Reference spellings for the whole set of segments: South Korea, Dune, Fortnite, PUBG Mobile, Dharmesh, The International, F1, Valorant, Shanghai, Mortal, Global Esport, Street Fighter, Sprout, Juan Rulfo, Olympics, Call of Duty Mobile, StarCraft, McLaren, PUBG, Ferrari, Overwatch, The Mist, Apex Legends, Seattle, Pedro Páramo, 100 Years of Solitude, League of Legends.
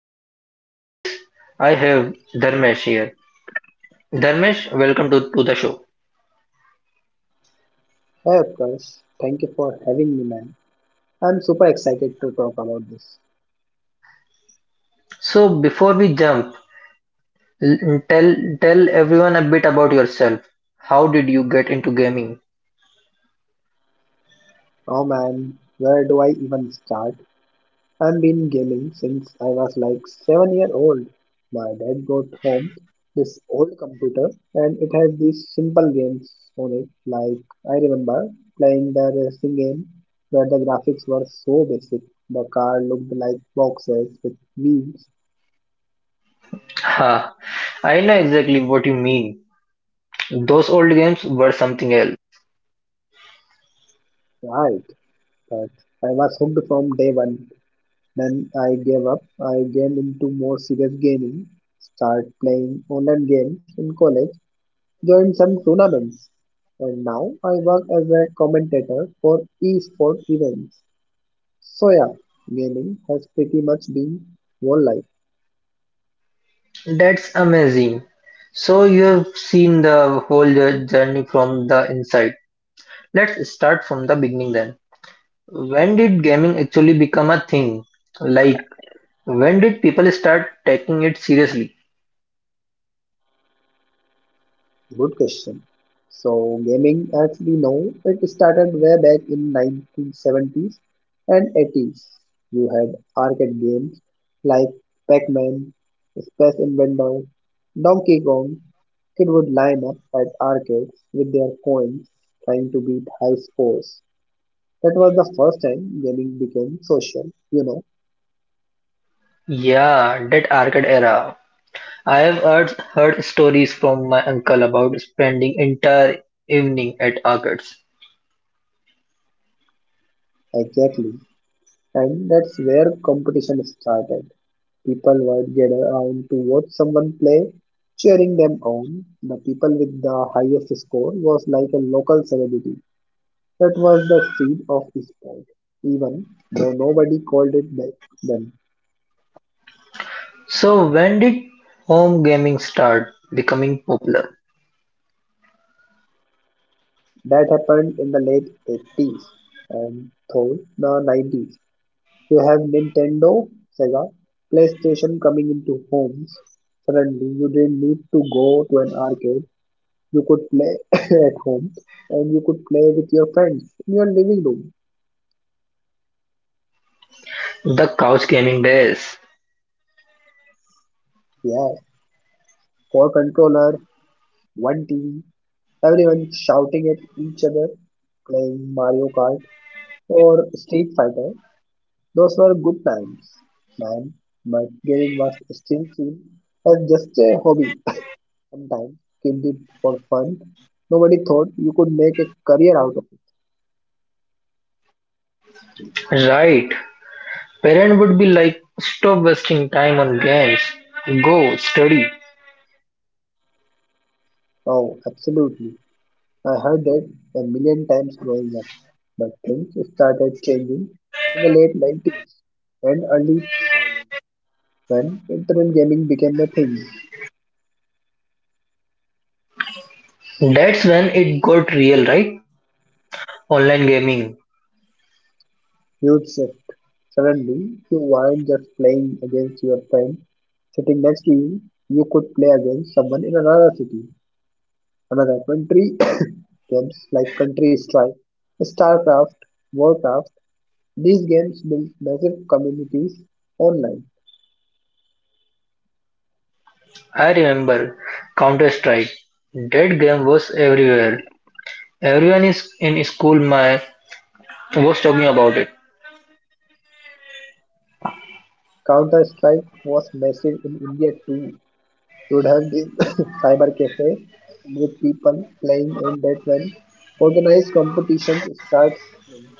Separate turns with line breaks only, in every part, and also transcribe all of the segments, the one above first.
To help me with this, I have Dharmesh here. Dharmesh, welcome to the show.
Hey, of course! Thank you for having me, man. I'm super excited to talk about this.
So before we jump, l- tell tell everyone a bit about yourself. How did you get into gaming?
Oh man, where do I even start? I've been gaming since I was like 7-year-old. My dad brought home this old computer and it has these simple games on it. Like, I remember playing the racing game where the graphics were so basic. The car looked like boxes with wheels,
Ha, I know exactly what you mean. Those old games were something else.
right? But I was hooked from day one. Then I gave up. I came into more serious gaming, start playing online games in college, joined some tournaments, and now I work as a commentator for esport events. So yeah, gaming has pretty much been whole life.
That's amazing. So you've seen the whole journey from the inside. Let's start from the beginning then. When did gaming actually become a thing? Like, when did people start taking it seriously?
Good question. So gaming, as we know, it started way back in 1970s and 80s. You had arcade games like Pac-Man, Space Invaders, Donkey Kong. Kids would line up at arcades with their coins, trying to beat high scores. That was the first time gaming became social,
Yeah, that arcade era. I have heard stories from my uncle about spending entire evening at arcades.
exactly. And that's where competition started. People would get around to watch someone play, cheering them on. The people with the highest score was like a local celebrity. That was the seed of sport, even though nobody called it that then.
So when did home gaming start becoming popular?
That happened in the late 80s and through the 90s. You have Nintendo, Sega, PlayStation coming into homes. Suddenly, you didn't need to go to an arcade. You could play at home, and you could play with your friends in your living room.
The couch gaming days.
Yeah, four controller, one TV, everyone shouting at each other, playing Mario Kart or Street Fighter. Those were good times, man. But gaming was still seen as just a hobby. Sometimes kids did for fun. Nobody thought you could make a career out of it.
Right. Parent would be like, stop wasting time on games. Go study.
Oh, absolutely. I heard that a million times growing up, but things started changing in the late 90s and early 2000s when internet gaming became a thing.
That's when it got real, right? Online gaming.
Huge shift. Suddenly, you weren't just playing against your friend sitting next to you, you could play against someone in another city, another country. Games like Country Strike, StarCraft, Warcraft, these games built massive communities online.
I remember Counter Strike. That game was everywhere. Everyone is in school my was talking about it.
Counter Strike was massive in India too, should have this cyber cafe with people playing, and that when organized competitions start happening,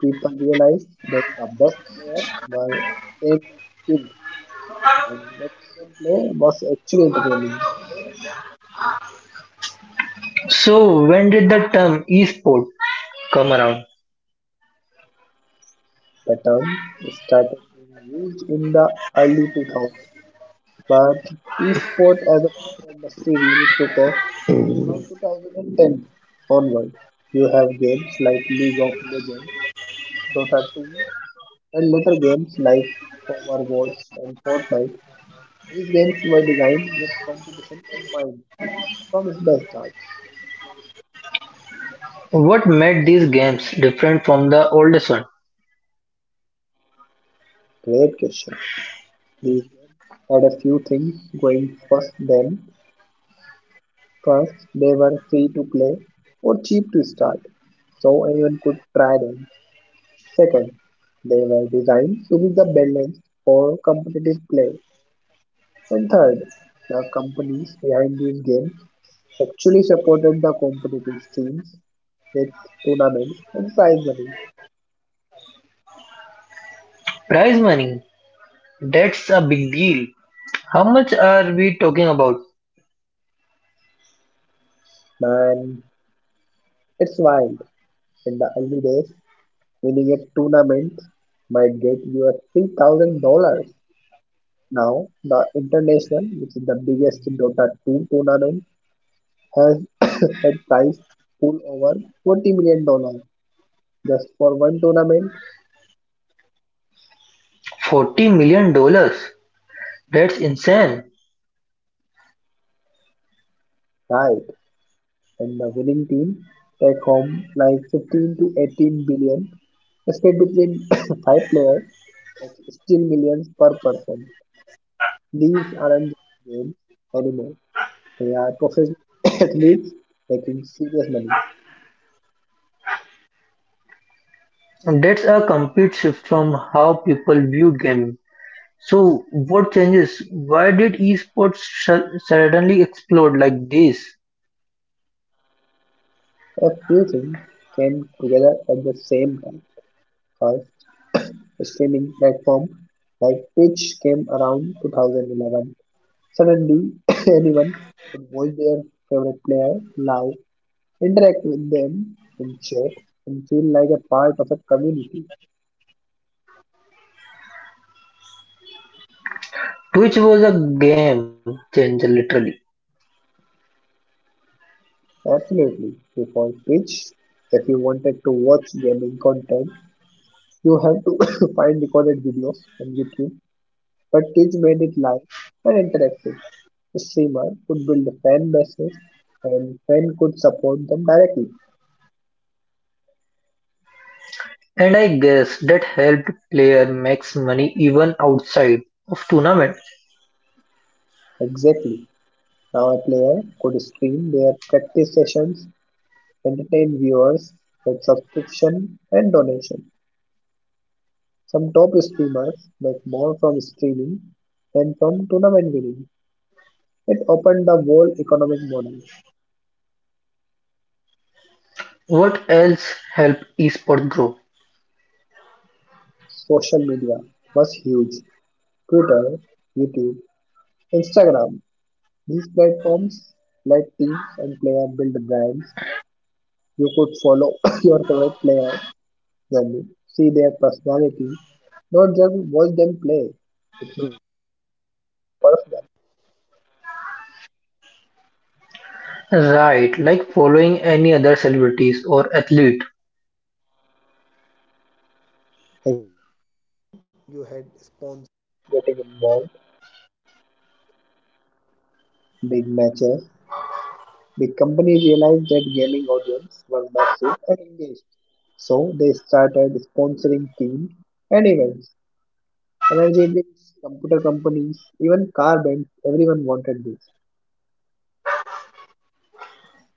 people realize that the best players were insanely skilled and watching them play was actually entertaining.
So when did the term esport come around?
The term started being used in the early 2000s, but esport as a proper industry really took off from 2010 onward. You have games like League of Legends, Dota 2, and later games like Overwatch and Fortnite. These games were designed with competition in mind from the start.
What made these games different from the oldest one?
Great question. These games had a few things going first them. First, they were free to play or cheap to start, so anyone could try them. Second, they were designed to be the balance for competitive play. And third, the companies behind these games actually supported the competitive scenes with tournaments and prize money.
Prize money. That's a big deal. How much are we talking about?
Man, it's wild. In the early days, winning a tournament might get you a $3,000. Now, the International, which is the biggest Dota 2 tournament, has a prize pool over $40 million dollars just for one tournament,
$40 million, that's insane.
right? And the winning team take home like 15 to 18 billion split between five players. That's still millions per person. These aren't just games anymore. They are professional athletes making serious money.
And that's a complete shift from how people viewed gaming. So, what changes? Why did esports suddenly explode like this?
A few things came together at the same time. First, a streaming platform like Twitch came around 2011. Suddenly, anyone could watch their favorite player live, interact with them in chat, and feel like a part of a community.
Twitch was a game changer, literally.
Absolutely, because Twitch, if you wanted to watch gaming content, you have to find recorded videos on YouTube, but Twitch made it live and interactive. The streamer could build a fan bases and fan could support them directly.
And I guess that helped player makes money even outside of tournament.
Exactly. Now a player could stream their practice sessions, entertain viewers with subscription and donation. Some top streamers make more from streaming than from tournament winning. It opened the world economic model.
What else helped esports grow?
Social media was huge. Twitter, YouTube, Instagram. These platforms let teams and players build brands. You could follow your favorite player journey, see their personality, not just watch them play.
Right, like following any other celebrities or athlete.
The company realized that gaming audience were massive and engaged, so they started sponsoring teams and events. Energy drinks, computer companies, even car brands, everyone wanted this.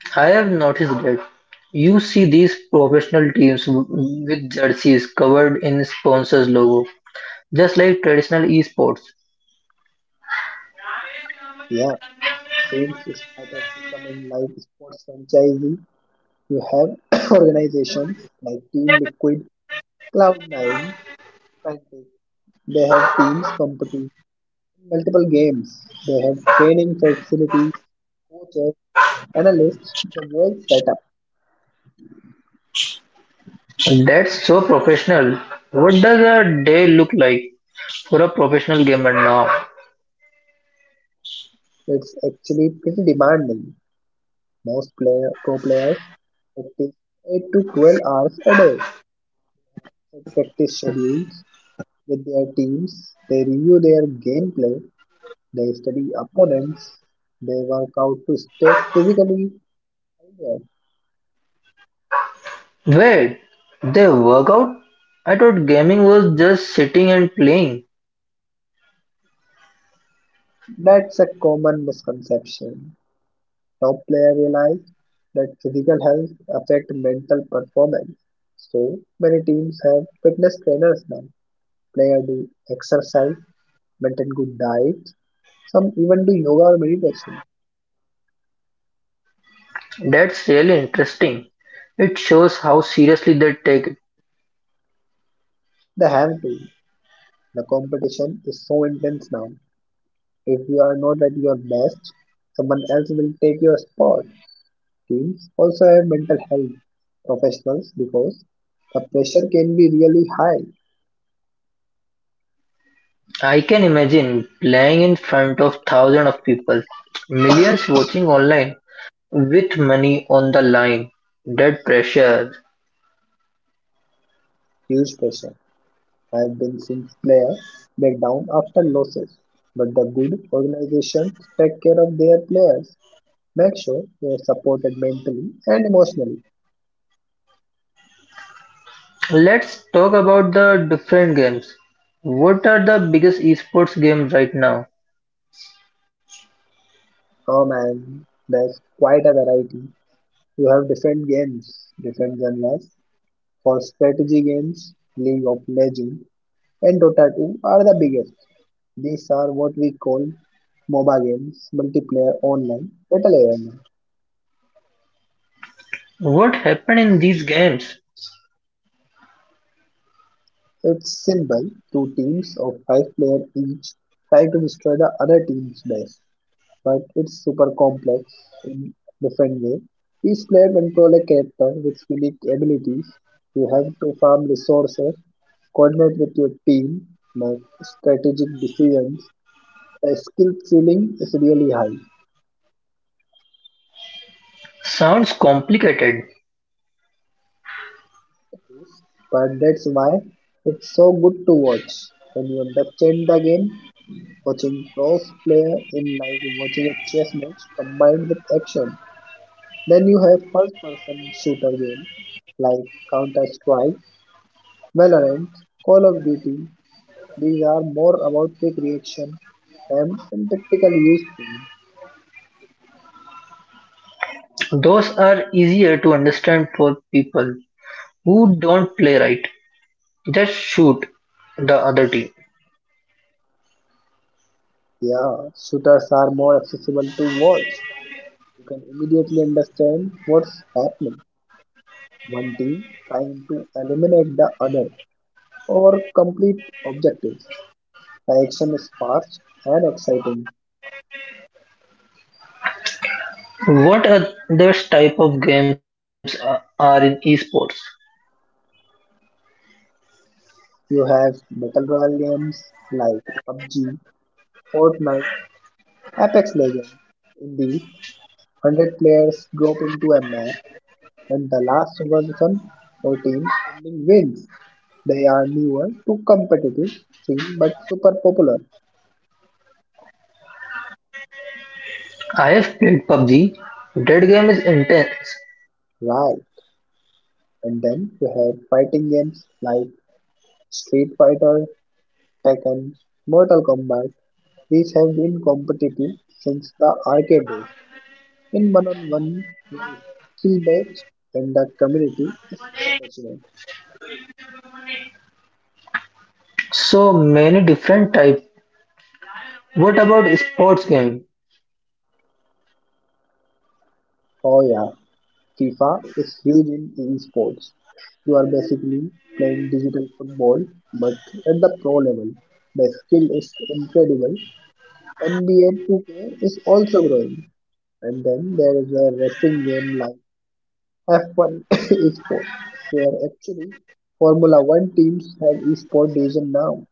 I have noticed that you see these professional teams with jerseys covered in sponsors logo, just like traditional esports.
Yeah, teams started becoming like sports franchisees. You have organizations like Team Liquid, Cloud9, Frantic. They have teams competing in multiple games. They have training facilities, coaches, analysts, the whole setup.
That's so professional. What does a day look like for a professional gamer now?
It's actually pretty demanding. Pro players practice 8 to 12 hours a day. They practice schedules with their teams, they review their gameplay, they study opponents, they work out to stay physically healthier.
Wait, they work out? I thought gaming was just sitting and playing.
That's a common misconception. Top players realize that physical health affects mental performance. So many teams have fitness trainers now. Players do exercise, maintain good diet, some even do yoga or meditation.
That's really interesting. It shows how seriously they take it.
They have to. The competition is so intense now. If you are not at your best, someone else will take your spot. Teams also have mental health professionals because the pressure can be really high,
I can imagine playing in front of thousands of people, millions watching online. With money on the line, dead pressure.
huge pressure. I have been seeing player break down after losses, but the good organizations take care of their players, make sure they are supported mentally and emotionally.
Let's talk about the different games. What are the biggest esports games right now?
Oh man, there's quite a variety. You have different games, different genres. For strategy games, League of Legends and Dota 2 are the biggest. These are what we call MOBA games, multiplayer online battle arena.
What happened in these games?
It's simple, two teams of five players each try to destroy the other team's base, but it's super complex in different way. Each player control a character with unique abilities. You have to farm resources, coordinate with your team, make strategic decisions. The skill ceiling is really high,
Sounds complicated.
but that's why it's so good to watch. When you understand the game, watching cross player in like watching a chess match combined with action. Then you have first person shooter game like Counter Strike, Valorant, Call of Duty, these are more about quick reaction and tactical use.
Those are easier to understand for people who don't play right. Just shoot the other team.
Yeah, shooters are more accessible to watch. You can immediately understand what's happening. One team trying to eliminate the other or complete objectives. The action is fast and exciting.
What other type of games are in esports?
You have battle royale games like PUBG, Fortnite, Apex Legends. In these, 100 players drop into a map and the last person or team standing wins. They are newer to competitive thing but super popular.
I have played PUBG. That game is intense.
Right. And then you have fighting games like Street Fighter, Tekken, Mortal Kombat. These have been competitive since the arcade days. In one-on-one, there is skill based and the community is super passionate.
So many different types. What about sports game?
Oh yeah, FIFA is huge in esports. You are basically playing digital football, but at the pro level. The skill is incredible. NBA 2K is also growing. And then there is a racing game like F1 esports, where actually Formula One teams have esports division now.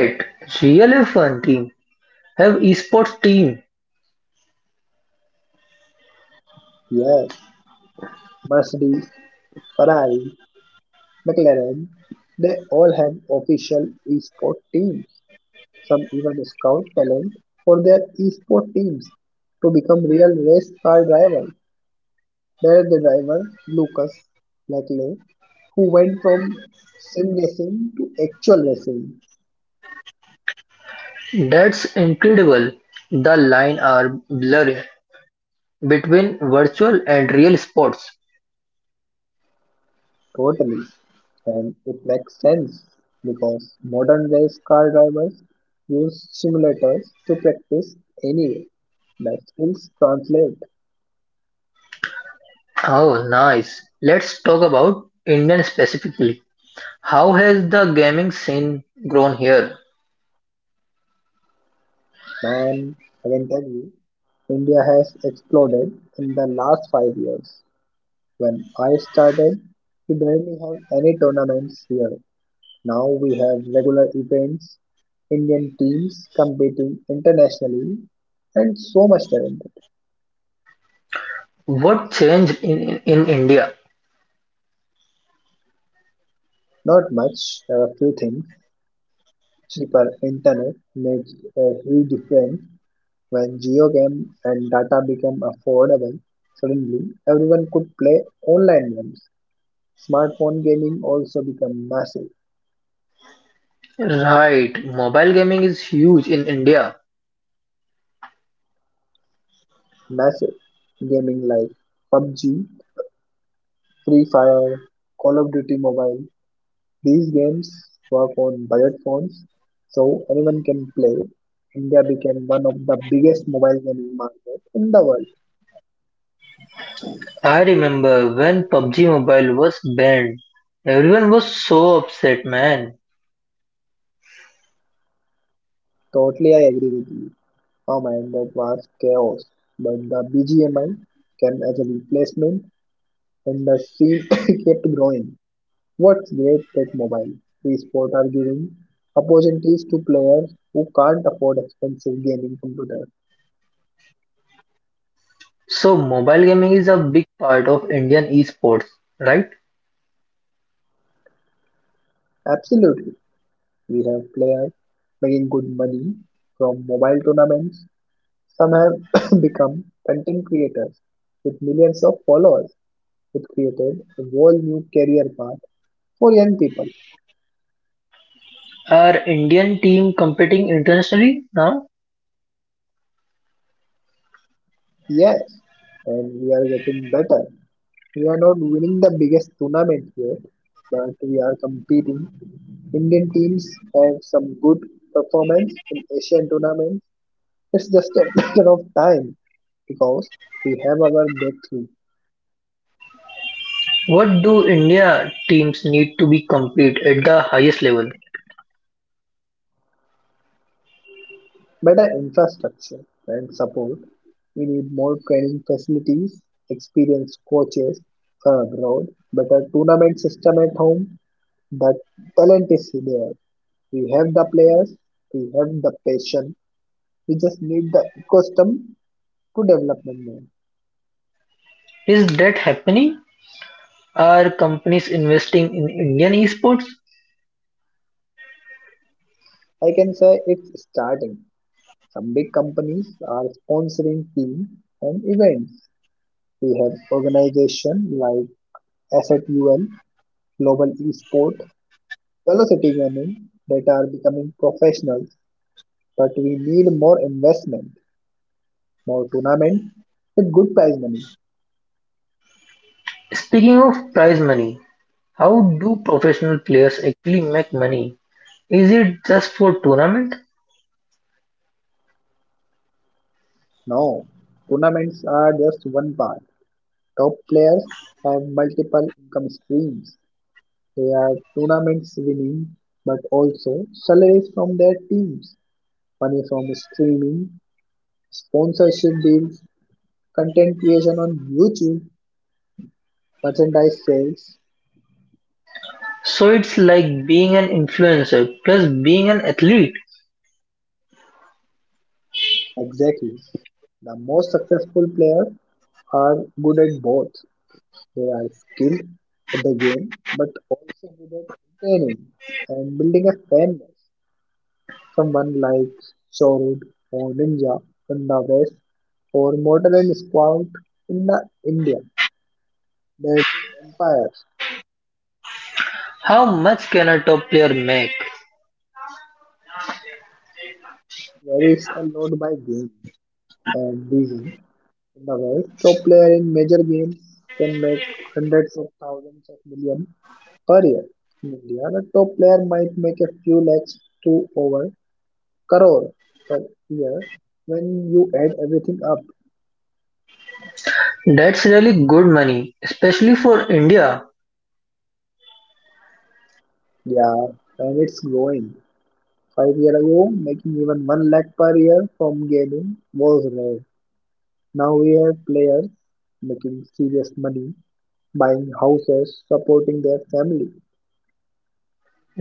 Wait, real F1 team have esports team.
Yes, Mercedes, Ferrari, McLaren, they all have official esports teams. Some even scout talent for their esport teams to become real race car drivers. There is the driver Lucas Leclerc who went from sim racing to actual racing
That's incredible. The line are blurring between virtual and real sports.
totally. And it makes sense because modern race car drivers use simulators to practice anyway. The skills translate.
Oh, nice. Let's talk about Indian specifically. How has the gaming scene grown here?
Man, I can tell you, India has exploded in the last 5 years. When I started, we barely had any tournaments here. Now we have regular events, Indian teams competing internationally, and so much talent.
What changed in India?
Not much, a few things. Cheaper internet makes a huge difference. When geo game and data became affordable, suddenly everyone could play online games. Smartphone gaming also became massive.
Right, mobile gaming is huge in India.
Massive gaming like PUBG, Free Fire, Call of Duty Mobile. These games work on budget phones, so anyone can play. India became one of the biggest mobile gaming market in the world.
I remember when PUBG Mobile was banned. Everyone was so upset, man.
Totally, I agree with you. Oh man, that was chaos. But the BGMI came as a replacement, and the scene kept growing. What's great that mobile esports are giving opportunities to players who can't afford expensive gaming computers.
So, mobile gaming is a big part of Indian esports, right?
Absolutely. We have players making good money from mobile tournaments. Some have become content creators with millions of followers. It created a whole new career path for young people.
Are Indian team competing internationally now?
Yes, and we are getting better. We are not winning the biggest tournament yet, but we are competing. Indian teams have some good performance in Asian tournaments. It's just a matter of time because we have our breakthrough.
What do India teams need to be compete at the highest level?
Better infrastructure and support. We need more training facilities, experienced coaches from abroad, better tournament system at home. The talent is there. We have the players, we have the passion. We just need the ecosystem to development more.
Is that happening? Are companies investing in Indian esports?
I can say it's starting. Some big companies are sponsoring teams and events. We have organizations like Asset UN, Global Esport, velocity gaming that are becoming professional, but we need more investment, more tournaments with good prize money.
Speaking of prize money, how do professional players actually make money? Is it just for tournament?
Now, tournaments are just one part. Top players have multiple income streams. They are tournaments winning, but also salaries from their teams, money from streaming, sponsorship deals, content creation on YouTube, merchandise sales.
So it's like being an influencer plus being an athlete.
Exactly. The most successful players are good at both. They are skilled at the game but also good at entertaining and building a fan base. Someone like Chorud or Ninja in the West or Mortal and Sprout in the India. They build empires,
How much can a top player make?
varies a lot by game and reason. In the West, top player in major games can make hundreds of thousands of million per year. In India, a top player might make a few lakhs to over crore per year when you add everything up.
That's really good money, especially for India.
Yeah, and it's growing. 5 years ago, making even one lakh per year from gaming was rare. Now we have players making serious money, buying houses, supporting their family.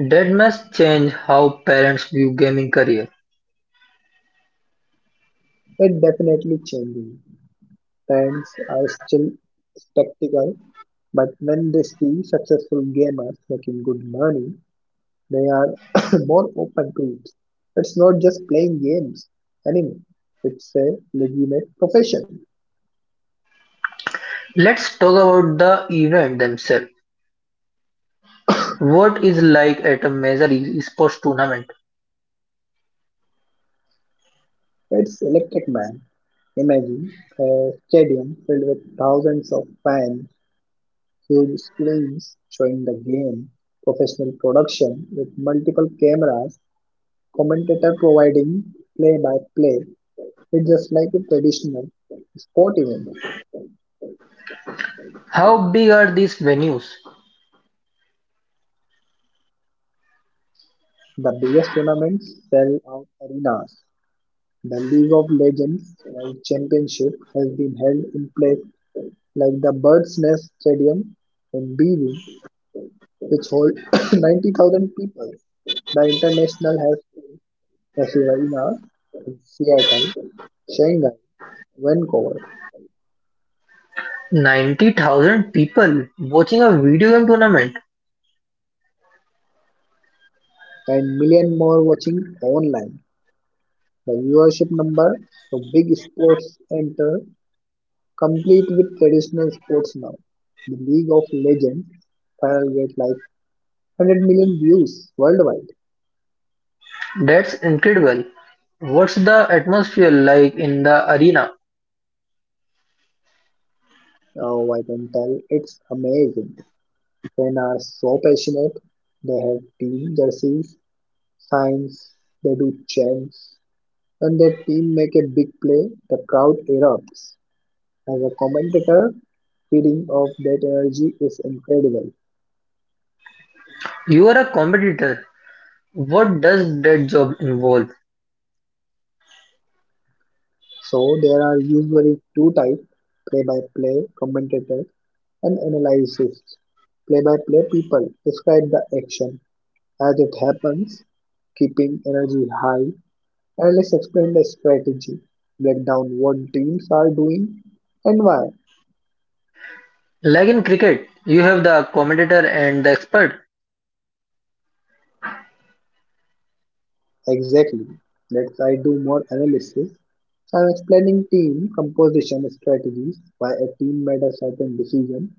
That must change how parents view gaming career.
It's definitely changing. Fans are still skeptical, but when they see successful gamers making good money, they are more open to it. It's not just playing games anymore. It's a legitimate profession.
Let's talk about the event themselves. What is like at a major esports tournament?
It's electric man. Imagine a stadium filled with thousands of fans, huge screens showing the game, professional production with multiple cameras, commentator providing play by play. It's just like a traditional sport event.
How big are these venues?
The biggest tournaments sell out arenas. The League of Legends World Championship has been held in places like the Bird's Nest Stadium in Beijing, which holds 90,000 people. The international has held festival arenas in Seattle, Shanghai, Vancouver,
90,000 people watching a video game tournament.
and million more watching online. The viewership number for big sports enter complete with traditional sports now. The League of Legends final get like 100 million views worldwide.
That's incredible. What's the atmosphere like in the arena?
Oh, I can tell it's amazing. Fans are so passionate. They have team jerseys, signs, they do chants. When their team make a big play, the crowd erupts. As a commentator, feeding off that energy is incredible.
You're a competitor. What does that job involve?
So there are usually two types, play-by-play commentators and analysis. Play-by-play people describe the action as it happens, keeping energy high. Let's explain the strategy, break down what teams are doing and why.
Like in cricket, you have the commentator and the expert.
Exactly. Let's I do more analysis. So I'm explaining team composition strategies, why a team made a certain decision.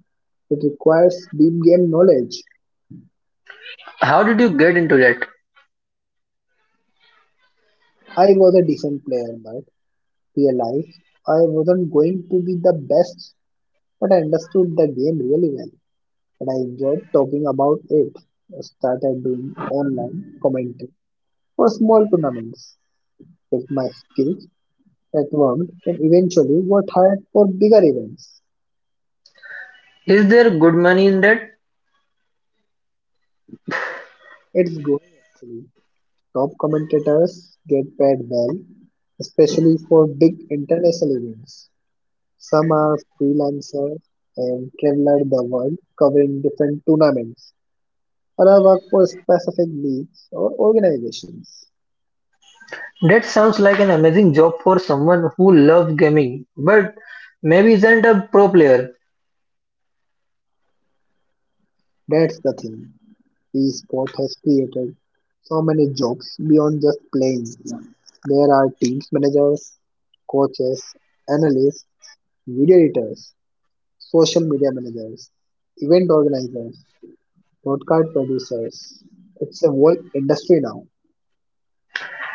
It requires deep game knowledge.
How did you get into that?
I was a decent player but realized I wasn't going to be the best, but I understood the game really well and I enjoyed talking about it. I started doing online commenting for small tournaments with my skills at work and eventually got hired for bigger events.
Is there good money in that?
It's growing actually. Top commentators get paid well, especially for big international events. Some are freelancers and travel the world covering different tournaments, or I work for specific leagues or organizations.
That sounds like an amazing job for someone who loves gaming, but maybe isn't a pro player.
That's the thing. Esport has created so many jobs beyond just playing. There are teams managers, coaches, analysts, video editors, social media managers, event organizers, broadcast producers. It's a whole industry now.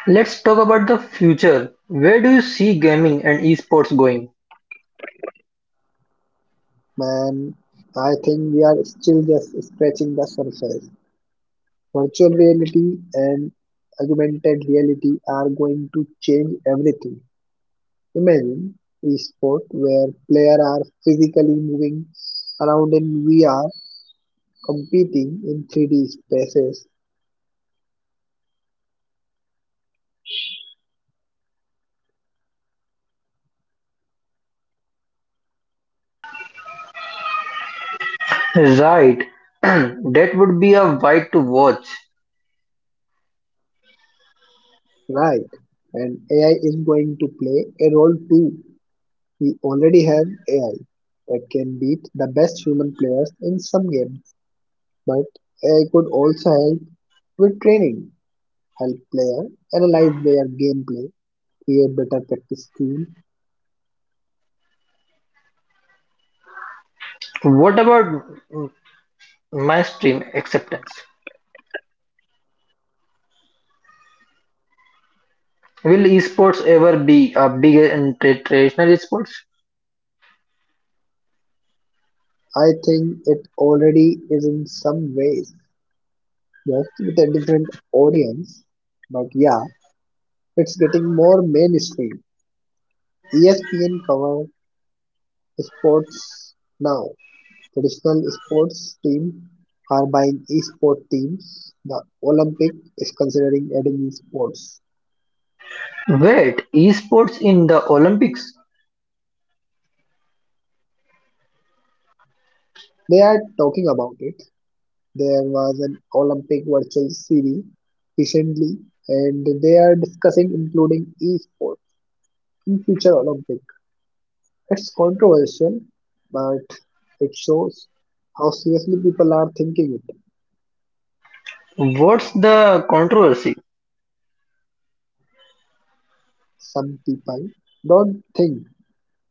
Let's talk about the future. Where do you see gaming and esports going?
Man, I think we are still just scratching the surface. Virtual reality and augmented reality are going to change everything. Imagine esport where players are physically moving around in VR, competing in 3D spaces,
Right, that would be a wide to watch.
right? And AI is going to play a role too. We already have AI that can beat the best human players in some games, but AI could also help with training, help players analyze their gameplay, create better practice team.
What about mainstream acceptance? Will esports ever be a bigger in traditional sports?
I think it already is in some ways, just with a different audience. But yeah, it's getting more mainstream. ESPN cover sports now. Traditional sports teams are buying esport teams. The Olympic is considering adding esports.
Wait, esports in the Olympics?
They are talking about it. There was an Olympic virtual series recently, and they are discussing including esports in future Olympics. It's controversial, but it shows how seriously people are thinking it.
What's the controversy?
Some people don't think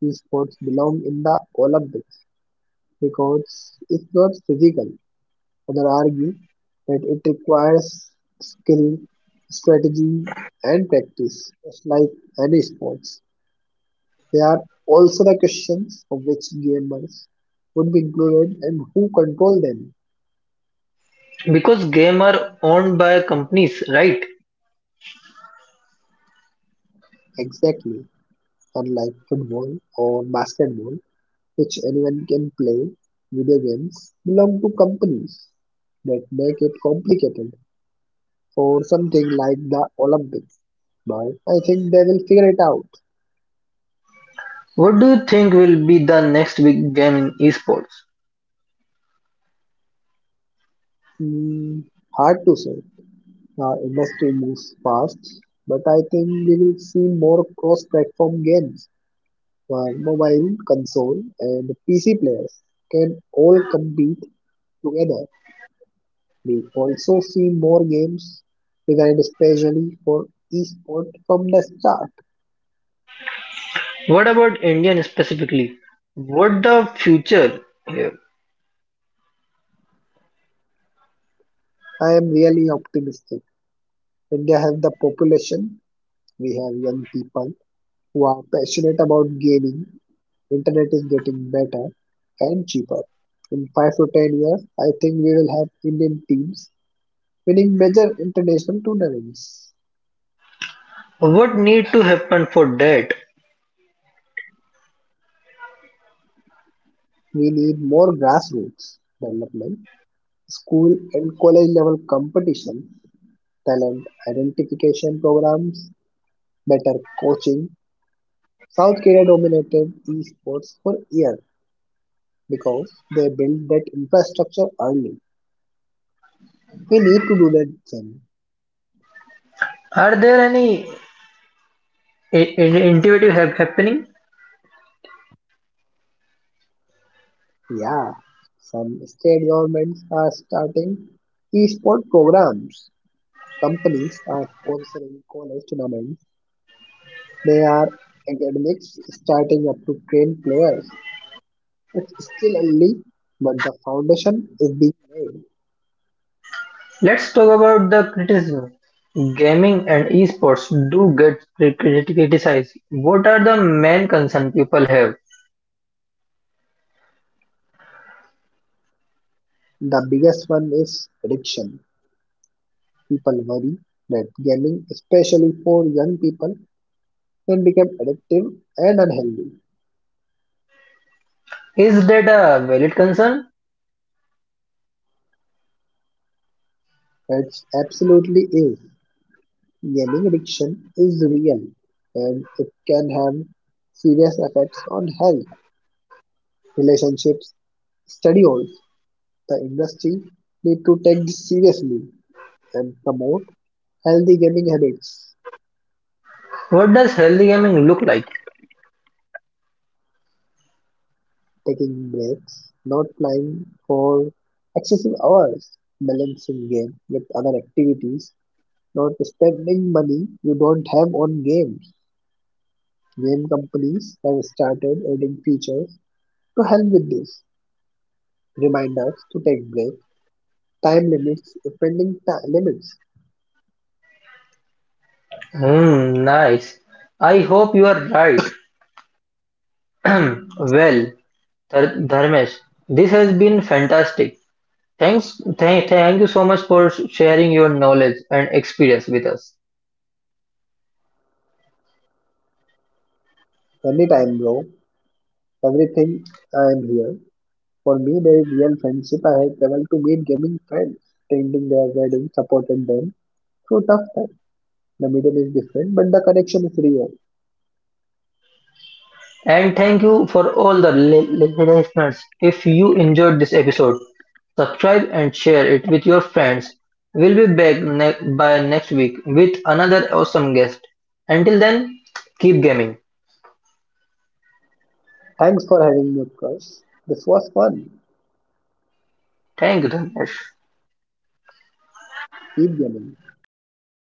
these sports belong in the Olympics because it's not physical. Others argue that it requires skill, strategy, and practice, just like any sports. There are also the questions of which gamers would be included and who control them.
Because game are owned by companies, right?
Exactly. Unlike football or basketball, which anyone can play, video games belong to companies that make it complicated for something like the Olympics. But I think they will figure it out.
What do you think will be the next big game in esports?
Hmm, hard to say. The industry moves fast, but I think we will see more cross platform games where mobile, console, and PC players can all compete together. We also see more games designed especially for esport from the start.
What about Indian specifically? What the future here?
I am really optimistic. India has the population, we have young people who are passionate about gaming, internet is getting better and cheaper. In 5 to 10 years, I think we will have Indian teams winning major international tournaments.
What need to happen for that?
We need more grassroots development, school and college level competition talent identification programs, better coaching. South Korea dominated esports for years because they built that infrastructure early. We need to do that same.
Are there any innovative happening?
Yeah, some state governments are starting esport programs. Companies are sponsoring college tournaments. They are academics starting up to train players. It's still early, but the foundation is being laid.
Let's talk about the criticism. Gaming and esports do get criticized. What are the main concern people have?
The biggest one is addiction. People worry that gaming, especially for young people, can become addictive and unhealthy.
Is that a valid concern?
It absolutely is. Gaming addiction is real and it can have serious effects on health, relationships, study halls. The industry need to take this seriously and promote healthy gaming habits,
What does healthy gaming look like?
taking breaks, not playing for excessive hours, balancing game with other activities not spending money you don't have on games. Game companies have started adding features to help with this. Reminders to take breaks, time limits, spending ti- limits.
Hmm, nice. I hope you are right. Well, Dharmesh, this has been fantastic. Thank you so much for sharing your knowledge and experience with us.
Anytime, bro. Everything I am here. For me, there is real friendship. I have traveled to meet gaming friends, attending their wedding, supported them through tough time. The medium is different, but the connection is real.
And thank you for all the listeners. If you enjoyed this episode, subscribe and share it with your friends. We'll be back by next week with another awesome guest. Until then, keep gaming.
Thanks for having me, of course. This was fun.
Thank you, Dharmesh.
Keep gaming.